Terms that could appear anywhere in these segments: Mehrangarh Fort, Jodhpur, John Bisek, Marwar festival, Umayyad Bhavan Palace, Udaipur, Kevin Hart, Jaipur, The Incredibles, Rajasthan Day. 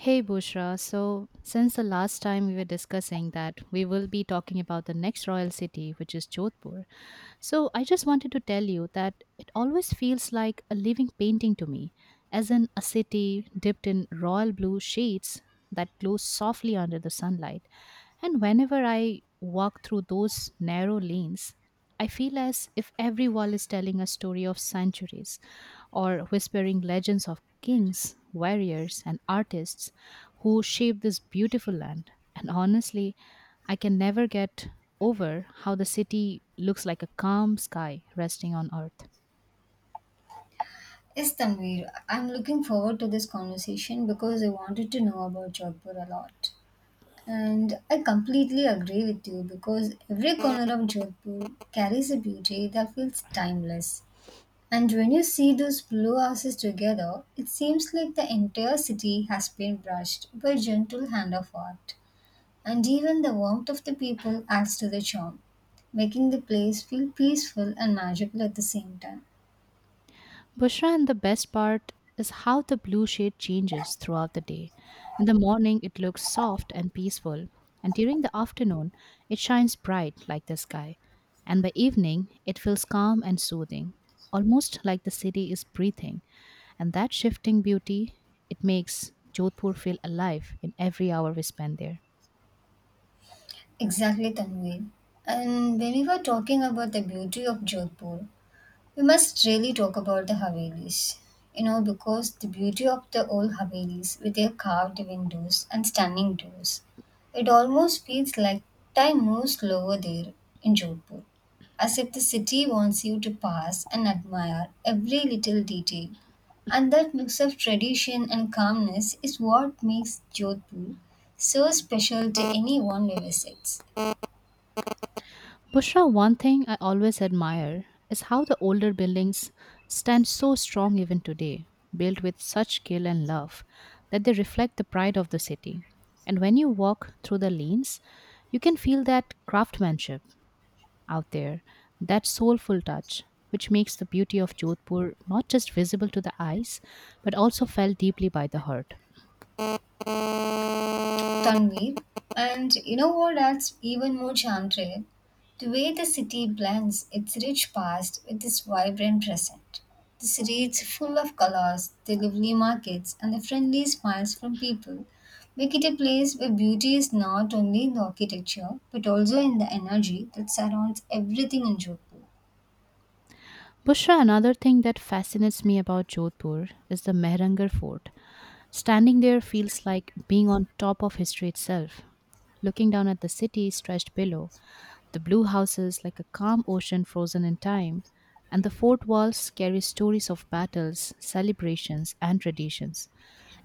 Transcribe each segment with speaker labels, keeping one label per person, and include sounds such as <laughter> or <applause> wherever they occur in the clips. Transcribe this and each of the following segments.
Speaker 1: Hey Bushra, so since the last time we were discussing that, we will be talking about the next royal city, which is Jodhpur. So I just wanted to tell you that it always feels like a living painting to me, as in a city dipped in royal blue shades that glow softly under the sunlight. And whenever I walk through those narrow lanes, I feel as if every wall is telling a story of centuries or whispering legends of kings, warriors, and artists who shaped this beautiful land. And honestly, I can never get over how the city looks like a calm sky resting on earth.
Speaker 2: Yes, Tanvir, I'm looking forward to this conversation because I wanted to know about Jodhpur a lot. And I completely agree with you because every corner of Jodhpur carries a beauty that feels timeless. And when you see those blue houses together, it seems like the entire city has been brushed by a gentle hand of art. And even the warmth of the people adds to the charm, making the place feel peaceful and magical at the same time.
Speaker 1: Bushra, and the best part is how the blue shade changes throughout the day. In the morning, it looks soft and peaceful, and during the afternoon, it shines bright like the sky. And by evening, it feels calm and soothing, almost like the city is breathing. And that shifting beauty, it makes Jodhpur feel alive in every hour we spend there.
Speaker 2: Exactly, Tanveen. And when we were talking about the beauty of Jodhpur, we must really talk about the Havelis. You know, because the beauty of the old Havelis with their carved windows and stunning doors, it almost feels like time moves slower there in Jodhpur, as if the city wants you to pass and admire every little detail. And that mix of tradition and calmness is what makes Jodhpur so special to anyone who visits.
Speaker 1: Bushra, one thing I always admire is how the older buildings stand so strong even today, built with such skill and love that they reflect the pride of the city. And when you walk through the lanes, you can feel that craftsmanship out there, that soulful touch, which makes the beauty of Jodhpur not just visible to the eyes, but also felt deeply by the heart.
Speaker 2: Tanvir. And you know what adds even more charm to it? The way the city blends its rich past with its vibrant present. The streets full of colors, the lively markets, and the friendly smiles from people make it a place where beauty is not only in the architecture but also in the energy that surrounds everything in Jodhpur.
Speaker 1: Bushra, another thing that fascinates me about Jodhpur is the Mehrangarh Fort. Standing there feels like being on top of history itself, looking down at the city stretched below, the blue houses like a calm ocean frozen in time, and the fort walls carry stories of battles, celebrations, and traditions.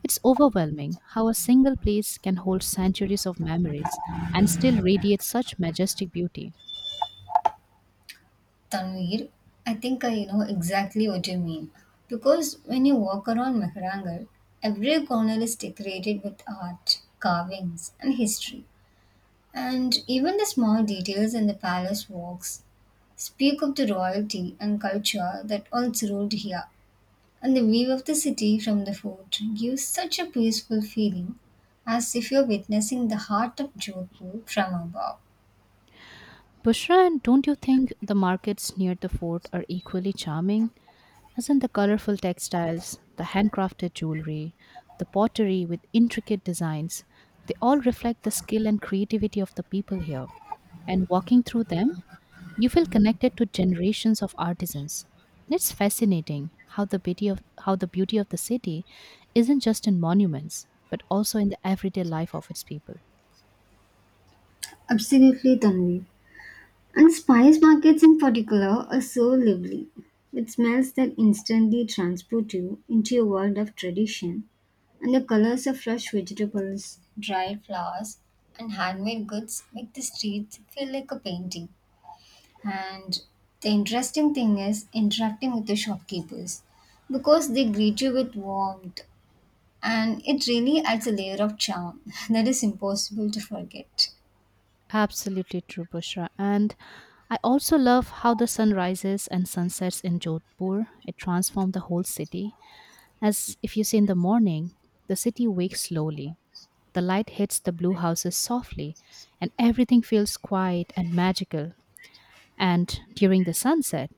Speaker 1: It's overwhelming how a single place can hold centuries of memories and still radiate such majestic beauty.
Speaker 2: Tanvir, I think I know exactly what you mean. Because when you walk around Mehrangarh, every corner is decorated with art, carvings, and history. And even the small details in the palace walks speak of the royalty and culture that once ruled here. And the view of the city from the fort gives such a peaceful feeling, as if you're witnessing the heart of Jodhpur from above.
Speaker 1: Bushra, and don't you think the markets near the fort are equally charming? Isn't the colorful textiles, the handcrafted jewelry, the pottery with intricate designs, they all reflect the skill and creativity of the people here. And walking through them, you feel connected to generations of artisans. And it's fascinating how the beauty of the city isn't just in monuments, but also in the everyday life of its people.
Speaker 2: Absolutely, Tanvir. And spice markets in particular are so lively, with smells that instantly transport you into a world of tradition, and the colors of fresh vegetables, dried flowers, and handmade goods make the streets feel like a painting. And the interesting thing is interacting with the shopkeepers because they greet you with warmth, and it really adds a layer of charm <laughs> that is impossible to forget.
Speaker 1: Absolutely true, Bushra. And I also love how the sun rises and sunsets in Jodhpur. It transformed the whole city. As if you see in the morning, the city wakes slowly. The light hits the blue houses softly, and everything feels quiet and magical. And during the sunset,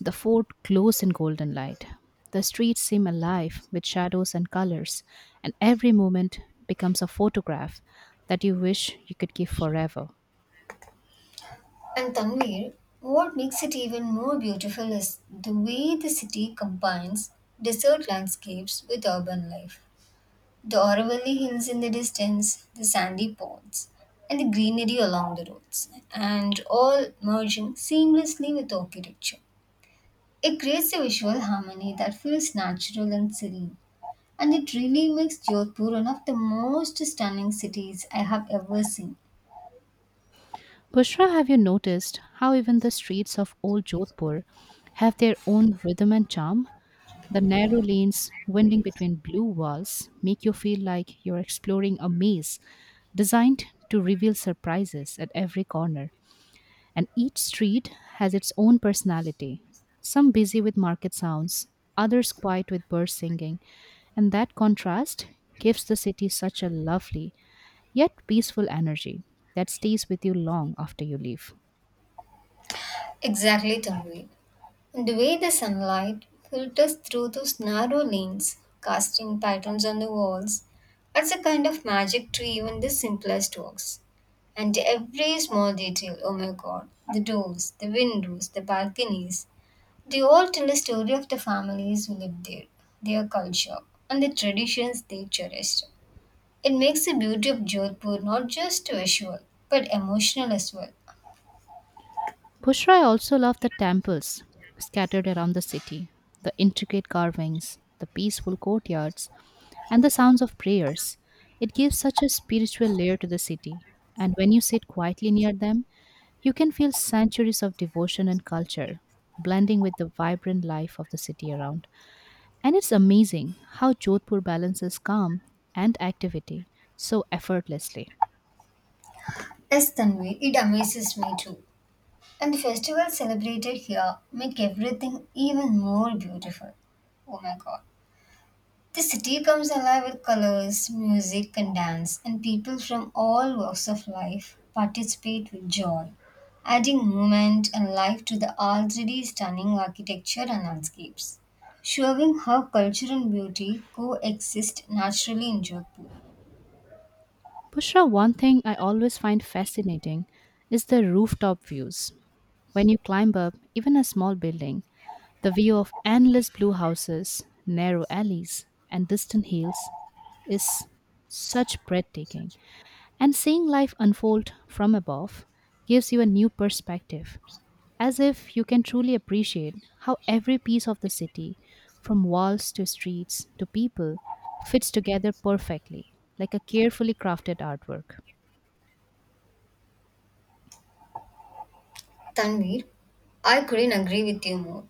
Speaker 1: the fort glows in golden light. The streets seem alive with shadows and colors, and every moment becomes a photograph that you wish you could keep forever.
Speaker 2: And Tanvir, what makes it even more beautiful is the way the city combines desert landscapes with urban life. The Aravalli Hills in the distance, the sandy ponds, and the greenery along the roads, and all merging seamlessly with architecture. It creates a visual harmony that feels natural and serene, and it really makes Jodhpur one of the most stunning cities I have ever seen.
Speaker 1: Bushra, have you noticed how even the streets of old Jodhpur have their own rhythm and charm? The narrow lanes winding between blue walls make you feel like you're exploring a maze designed to reveal surprises at every corner. And each street has its own personality, some busy with market sounds, others quiet with bird singing. And that contrast gives the city such a lovely yet peaceful energy that stays with you long after you leave.
Speaker 2: Exactly, Tanvi. The way the sunlight filters through those narrow lanes, casting patterns on the walls, adds a kind of magic to even the simplest works. And every small detail, oh my god, the doors, the windows, the balconies, they all tell a story of the families who lived there, their culture, and the traditions they cherished. It makes the beauty of Jodhpur not just visual, but emotional as well.
Speaker 1: Bushra, I also love the temples scattered around the city, the intricate carvings, the peaceful courtyards, and the sounds of prayers. It gives such a spiritual layer to the city, and when you sit quietly near them, you can feel centuries of devotion and culture blending with the vibrant life of the city around. And it's amazing how Jodhpur balances calm and activity so effortlessly.
Speaker 2: As Tanvi, it amazes me too. And the festivals celebrated here make everything even more beautiful. Oh my god. The city comes alive with colors, music, and dance, and people from all walks of life participate with joy, adding movement and life to the already stunning architecture and landscapes, showing how culture and beauty coexist naturally in Jodhpur.
Speaker 1: Pushra, one thing I always find fascinating is the rooftop views. When you climb up, even a small building, the view of endless blue houses, narrow alleys, and distant hills is such breathtaking. And seeing life unfold from above gives you a new perspective, as if you can truly appreciate how every piece of the city, from walls to streets to people, fits together perfectly, like a carefully crafted artwork.
Speaker 2: Tanvir, I couldn't agree with you more.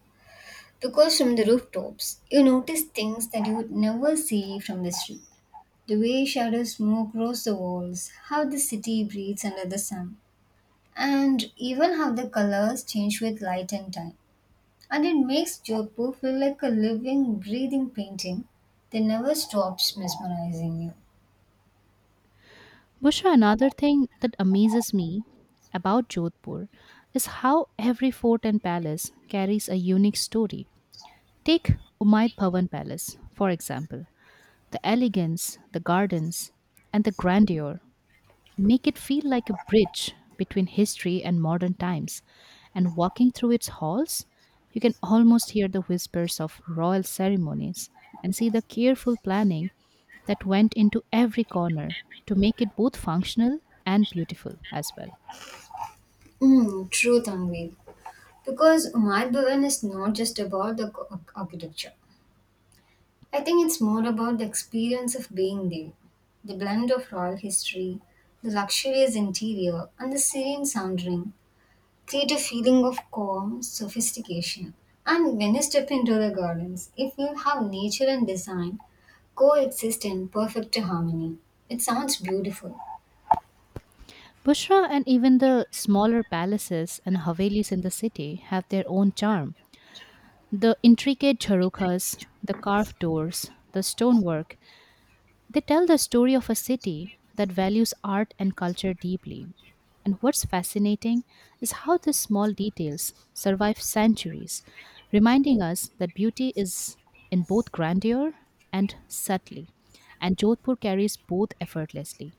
Speaker 2: Because from the rooftops, you notice things that you would never see from the street. The way shadows move across the walls, how the city breathes under the sun, and even how the colors change with light and time. And it makes Jodhpur feel like a living, breathing painting that never stops mesmerizing you.
Speaker 1: Bushra, another thing that amazes me about Jodhpur is how every fort and palace carries a unique story. Take Umayyad Bhavan Palace, for example. The elegance, the gardens, and the grandeur make it feel like a bridge between history and modern times. And walking through its halls, you can almost hear the whispers of royal ceremonies and see the careful planning that went into every corner to make it both functional and beautiful as well.
Speaker 2: Mm, true, Tanvi. Because Umar Bhavan is not just about the architecture. I think it's more about the experience of being there, the blend of royal history, the luxurious interior, and the serene sounding create a feeling of calm, sophistication. And when you step into the gardens, you feel how nature and design coexist in perfect harmony. It sounds beautiful.
Speaker 1: Bushra, and even the smaller palaces and havelis in the city have their own charm. The intricate charukhas, the carved doors, the stonework, they tell the story of a city that values art and culture deeply. And what's fascinating is how these small details survive centuries, reminding us that beauty is in both grandeur and subtlety, and Jodhpur carries both effortlessly.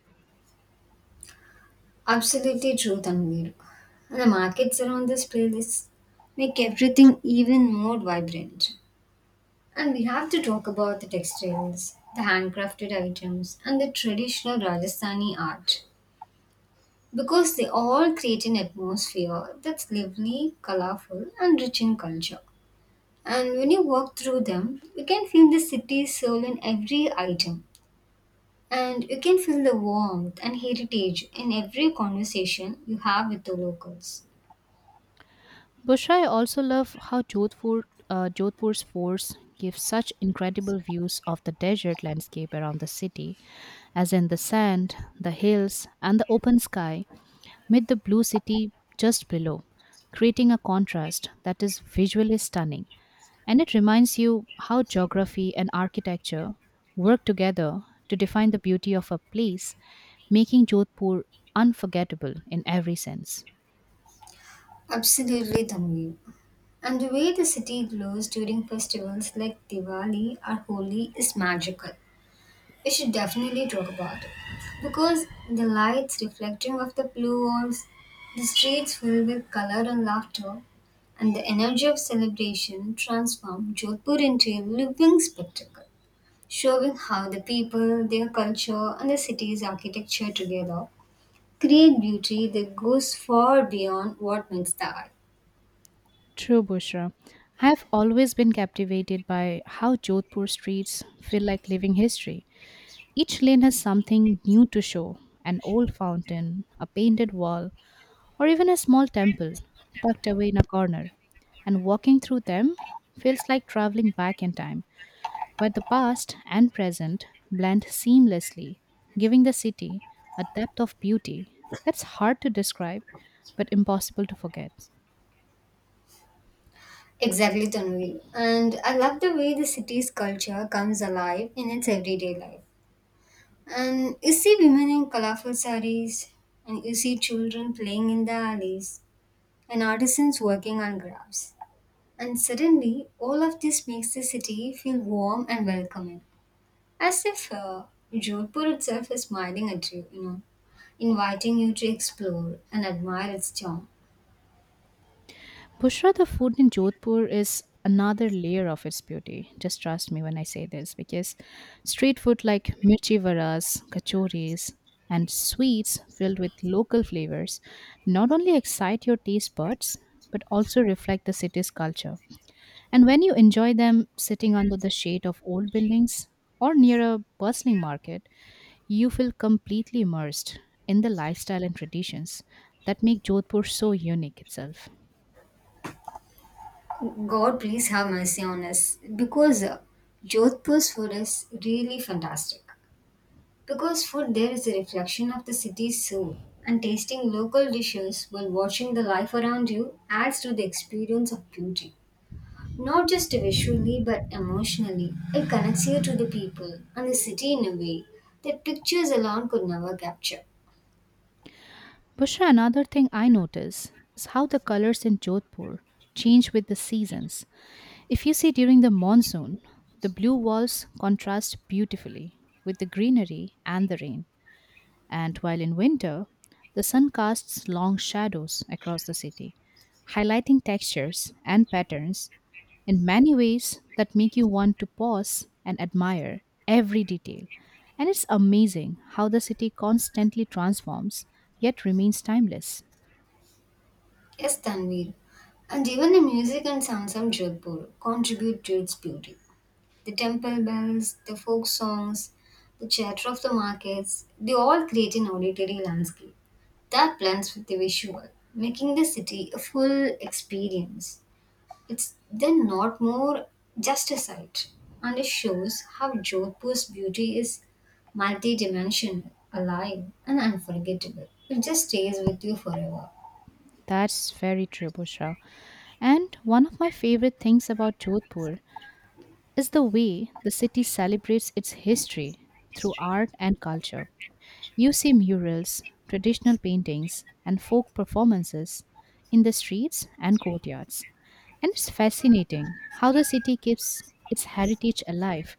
Speaker 2: Absolutely true, Tanvir. And the markets around this place make everything even more vibrant. And we have to talk about the textiles, the handcrafted items, and the traditional Rajasthani art because they all create an atmosphere that's lively, colorful, and rich in culture. And when you walk through them, you can feel the city's soul in every item. And you can feel the warmth and heritage in every conversation you have with the locals.
Speaker 1: Bushra, I also love how Jodhpur's forts give such incredible views of the desert landscape around the city, as in the sand, the hills, and the open sky with the blue city just below, creating a contrast that is visually stunning. And it reminds you how geography and architecture work together to define the beauty of a place, making Jodhpur unforgettable in every sense.
Speaker 2: Absolutely, Tanvi. And the way the city glows during festivals like Diwali or Holi is magical. We should definitely talk about it. Because the lights reflecting off the blue walls, the streets filled with color and laughter, and the energy of celebration transformed Jodhpur into a living spectacle, showing how the people, their culture, and the city's architecture together create beauty that goes far beyond what meets the eye.
Speaker 1: True, Bushra. I have always been captivated by how Jodhpur streets feel like living history. Each lane has something new to show, an old fountain, a painted wall, or even a small temple tucked away in a corner, and walking through them feels like traveling back in time, where the past and present blend seamlessly, giving the city a depth of beauty that's hard to describe but impossible to forget.
Speaker 2: Exactly, Tanvi. And I love the way the city's culture comes alive in its everyday life. And you see women in colorful sarees, and you see children playing in the alleys, and artisans working on crafts. And suddenly, all of this makes the city feel warm and welcoming, as if Jodhpur itself is smiling at you, you know, inviting you to explore and admire its charm.
Speaker 1: Bushra, the food in Jodhpur is another layer of its beauty. Just trust me when I say this because street food like mirchi varas, kachoris, and sweets filled with local flavors not only excite your taste buds but also reflect the city's culture. And when you enjoy them sitting under the shade of old buildings or near a bustling market, you feel completely immersed in the lifestyle and traditions that make Jodhpur so unique itself.
Speaker 2: God, please have mercy on us, because Jodhpur's food is really fantastic. Because food there is a reflection of the city's soul, and tasting local dishes while watching the life around you adds to the experience of beauty. Not just visually but emotionally, it connects you to the people and the city in a way that pictures alone could never capture.
Speaker 1: Bushra, another thing I notice is how the colors in Jodhpur change with the seasons. If you see during the monsoon, the blue walls contrast beautifully with the greenery and the rain, and while in winter, the sun casts long shadows across the city, highlighting textures and patterns in many ways that make you want to pause and admire every detail. And it's amazing how the city constantly transforms yet remains timeless.
Speaker 2: Yes, Tanvir, and even the music and sounds of Jodhpur contribute to its beauty. The temple bells, the folk songs, the chatter of the markets, they all create an auditory landscape that blends with the visual, making the city a full experience. It's then not more just a sight, and it shows how Jodhpur's beauty is multidimensional, alive, and unforgettable. It just stays with you forever.
Speaker 1: That's very true, Bushra. And one of my favorite things about Jodhpur is the way the city celebrates its history through art and culture. You see murals, traditional paintings, and folk performances in the streets and courtyards. And it's fascinating how the city keeps its heritage alive,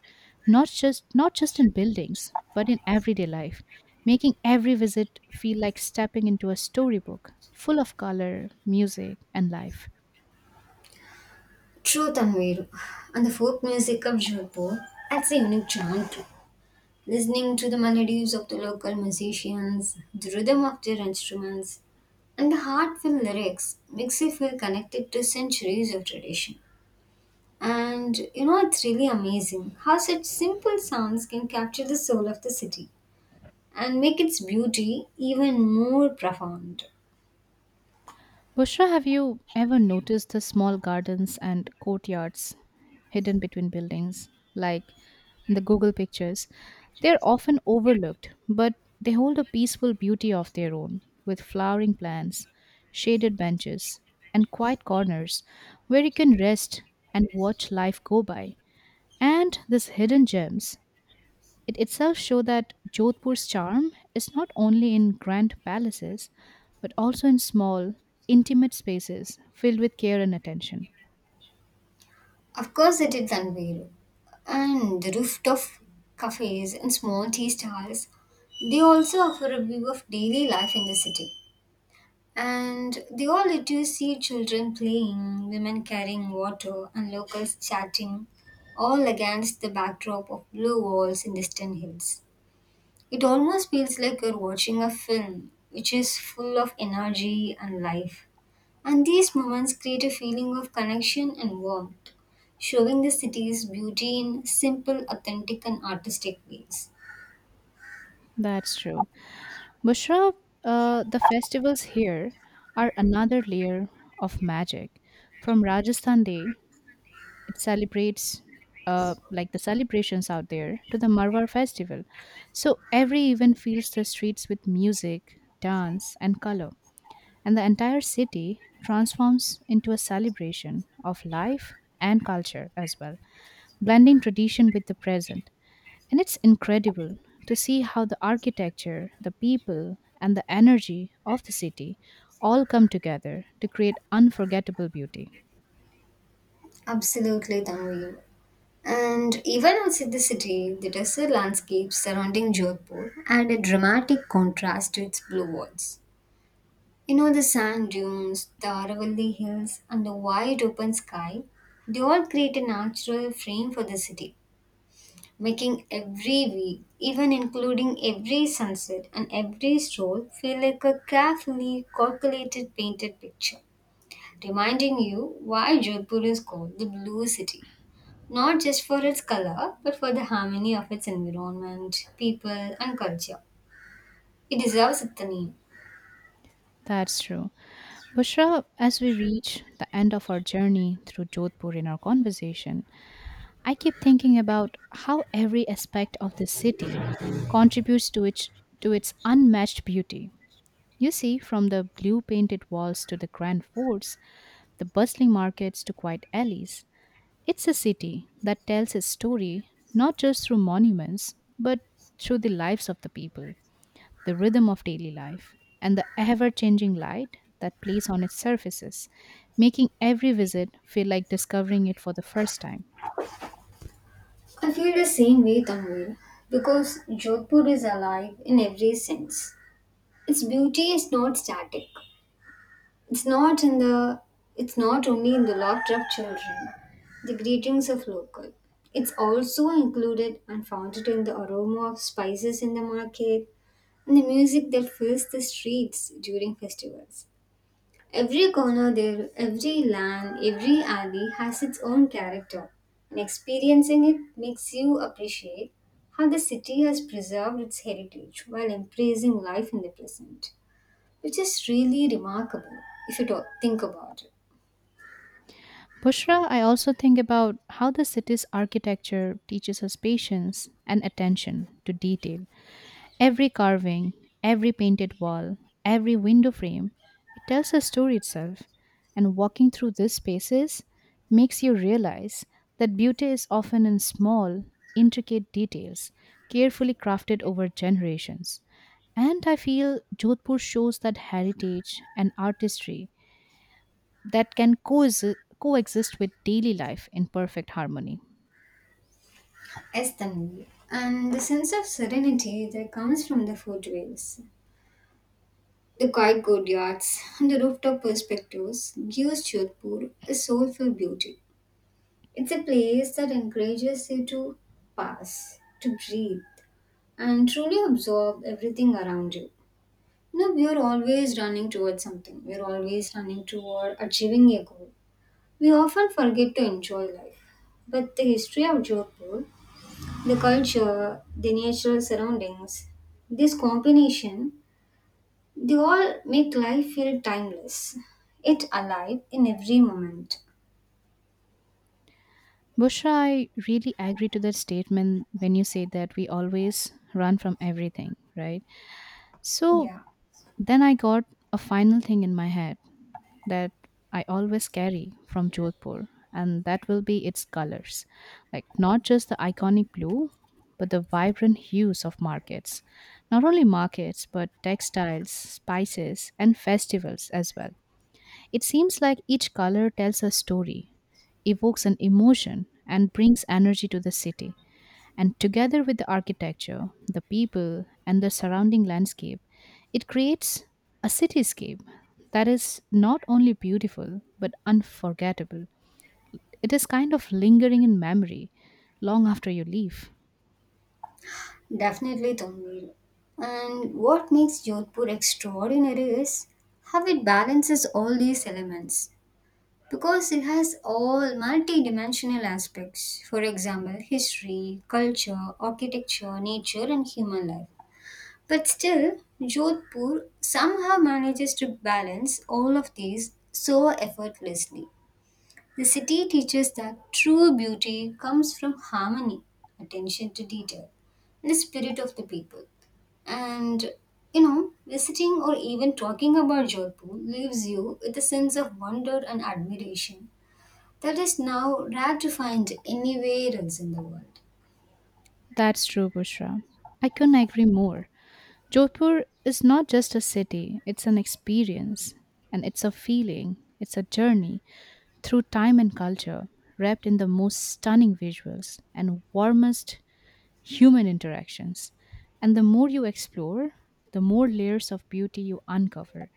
Speaker 1: not just in buildings, but in everyday life, making every visit feel like stepping into a storybook full of color, music, and life.
Speaker 2: True Tanveer, and the folk music of Jodhpur adds a unique charm too. Listening to the melodies of the local musicians, the rhythm of their instruments, and the heartfelt lyrics makes you feel connected to centuries of tradition. And you know, it's really amazing how such simple sounds can capture the soul of the city and make its beauty even more profound.
Speaker 1: Bushra, have you ever noticed the small gardens and courtyards hidden between buildings, like in the Google pictures? They're often overlooked, but they hold a peaceful beauty of their own, with flowering plants, shaded benches, and quiet corners where you can rest and watch life go by. And these hidden gems, it itself show that Jodhpur's charm is not only in grand palaces, but also in small, intimate spaces filled with care and attention.
Speaker 2: Of course, it is unveiled. And the rooftop cafes and small tea stalls, they also offer a view of daily life in the city. And they all let you see children playing, women carrying water, and locals chatting, all against the backdrop of blue walls and distant hills. It almost feels like you're watching a film, which is full of energy and life. And these moments create a feeling of connection and warmth, showing the city's beauty in simple, authentic, and artistic ways.
Speaker 1: That's true. Bushra, the festivals here are another layer of magic. From Rajasthan Day, it celebrates like the celebrations out there, to the Marwar festival. So every event fills the streets with music, dance, and color. And the entire city transforms into a celebration of life and culture as well, blending tradition with the present. And it's incredible to see how the architecture, the people, and the energy of the city all come together to create unforgettable beauty.
Speaker 2: Absolutely, Tanvi. And even outside the city, the desert landscapes surrounding Jodhpur add a dramatic contrast to its blue walls. You know, the sand dunes, the Aravalli hills, and the wide open sky, they all create a natural frame for the city, making every view, even including every sunset and every stroll, feel like a carefully calculated painted picture, reminding you why Jodhpur is called the Blue City, not just for its color, but for the harmony of its environment, people, and culture. It deserves the name.
Speaker 1: That's true. Bushra, as we reach the end of our journey through Jodhpur in our conversation, I keep thinking about how every aspect of the city contributes to its unmatched beauty. You see, from the blue painted walls to the grand forts, the bustling markets to quiet alleys, it's a city that tells its story not just through monuments, but through the lives of the people, the rhythm of daily life, and the ever changing light that plays on its surfaces, making every visit feel like discovering it for the first time.
Speaker 2: I feel the same way, Tanvir, because Jodhpur is alive in every sense. Its beauty is not static. It's not in the. It's not only in the laughter of children, the greetings of local. It's also included and founded in the aroma of spices in the market and the music that fills the streets during festivals. Every corner there, every land, every alley has its own character, and experiencing it makes you appreciate how the city has preserved its heritage while embracing life in the present, which is really remarkable if you think about it.
Speaker 1: Bushra, I also think about how the city's architecture teaches us patience and attention to detail. Every carving, every painted wall, every window frame, it tells a story itself. And walking through these spaces makes you realize that beauty is often in small, intricate details, carefully crafted over generations. And I feel Jodhpur shows that heritage and artistry that can coexist with daily life in perfect harmony.
Speaker 2: Yes, Tanvi. And the sense of serenity that comes from the footways, the quiet courtyards, and the rooftop perspectives gives Jodhpur a soulful beauty. It's a place that encourages you to pass, to breathe, and truly absorb everything around you. You know, we are always running towards something, we're always running toward achieving a goal. We often forget to enjoy life. But the history of Jodhpur, the culture, the natural surroundings, this combination, they all make life feel timeless, yet alive in every moment.
Speaker 1: Bushra, I really agree to that statement when you say that we always run from everything, right? So
Speaker 2: Yeah.
Speaker 1: then I got a final thing in my head that I always carry from Jodhpur, and that will be its colors. Like not just the iconic blue, but the vibrant hues of markets. Not only markets, but textiles, spices, and festivals as well. It seems like each color tells a story, evokes an emotion, and brings energy to the city. And together with the architecture, the people, and the surrounding landscape, it creates a cityscape that is not only beautiful but unforgettable. It is kind of lingering in memory long after you leave.
Speaker 2: Definitely, Tanvir. And what makes Jodhpur extraordinary is how it balances all these elements because it has all multi-dimensional aspects. For example, history, culture, architecture, nature, and human life. But still, Jodhpur somehow manages to balance all of these so effortlessly. The city teaches that true beauty comes from harmony, attention to detail, and the spirit of the people. And you know, visiting or even talking about Jaipur leaves you with a sense of wonder and admiration that is now rare to find anywhere else in the world.
Speaker 1: That's true, Bushra. I couldn't agree more. Jodhpur is not just a city, it's an experience and it's a feeling, it's a journey through time and culture, wrapped in the most stunning visuals and warmest human interactions. And the more you explore, the more layers of beauty you uncover,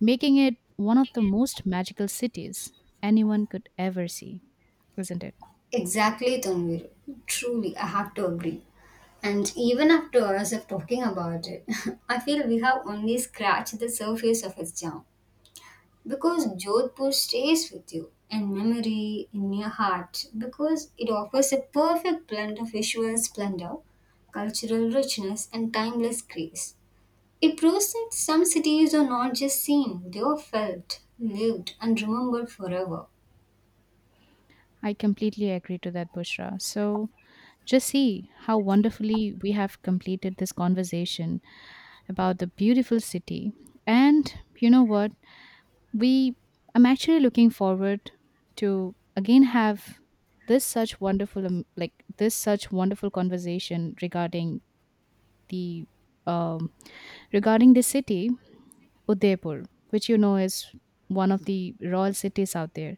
Speaker 1: making it one of the most magical cities anyone could ever see, isn't it?
Speaker 2: Exactly, Tanvir. Truly, I have to agree. And even after hours of talking about it, <laughs> I feel we have only scratched the surface of its charm. Because Jodhpur stays with you and memory in your heart because it offers a perfect blend of visual splendor, cultural richness, and timeless grace. It proves that some cities are not just seen, they are felt, lived, and remembered forever.
Speaker 1: I completely agree to that, Bushra. So just see how wonderfully we have completed this conversation about the beautiful city. And you know what? We I'm actually looking forward to again have this such wonderful um, like this such wonderful conversation the um, regarding the city Udaipur, which you know is one of the royal cities out there.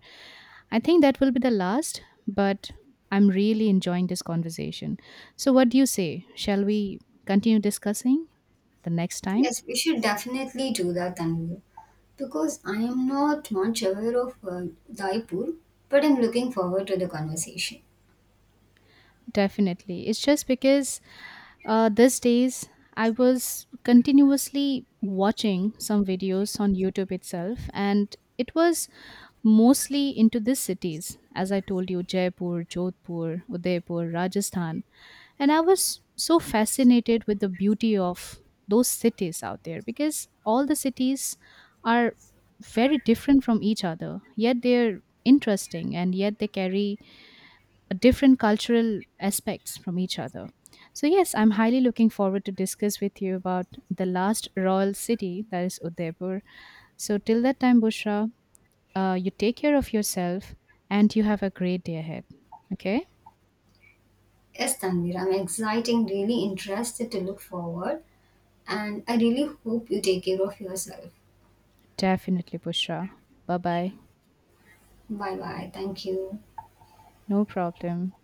Speaker 1: I think that will be the last, but I'm really enjoying this conversation. So what do you say, shall we continue discussing the next time?
Speaker 2: Yes, we should definitely do that, Tanvi. Because I am not much aware of Jaipur, but I'm looking forward to the conversation.
Speaker 1: Definitely. It's just because these days I was continuously watching some videos on YouTube itself, and it was mostly into these cities, as I told you, Jaipur, Jodhpur, Udaipur, Rajasthan. And I was so fascinated with the beauty of those cities out there because all the cities are very different from each other, yet they're interesting and yet they carry different cultural aspects from each other. So yes, I'm highly looking forward to discuss with you about the last royal city, that is Udaipur. So till that time, Bushra, you take care of yourself and you have a great day ahead. Okay?
Speaker 2: Yes, Tanvir, I'm exciting, really interested to look forward. And I really hope you take care of yourself.
Speaker 1: Definitely, Bushra. Bye bye.
Speaker 2: Bye bye. Thank you.
Speaker 1: No problem.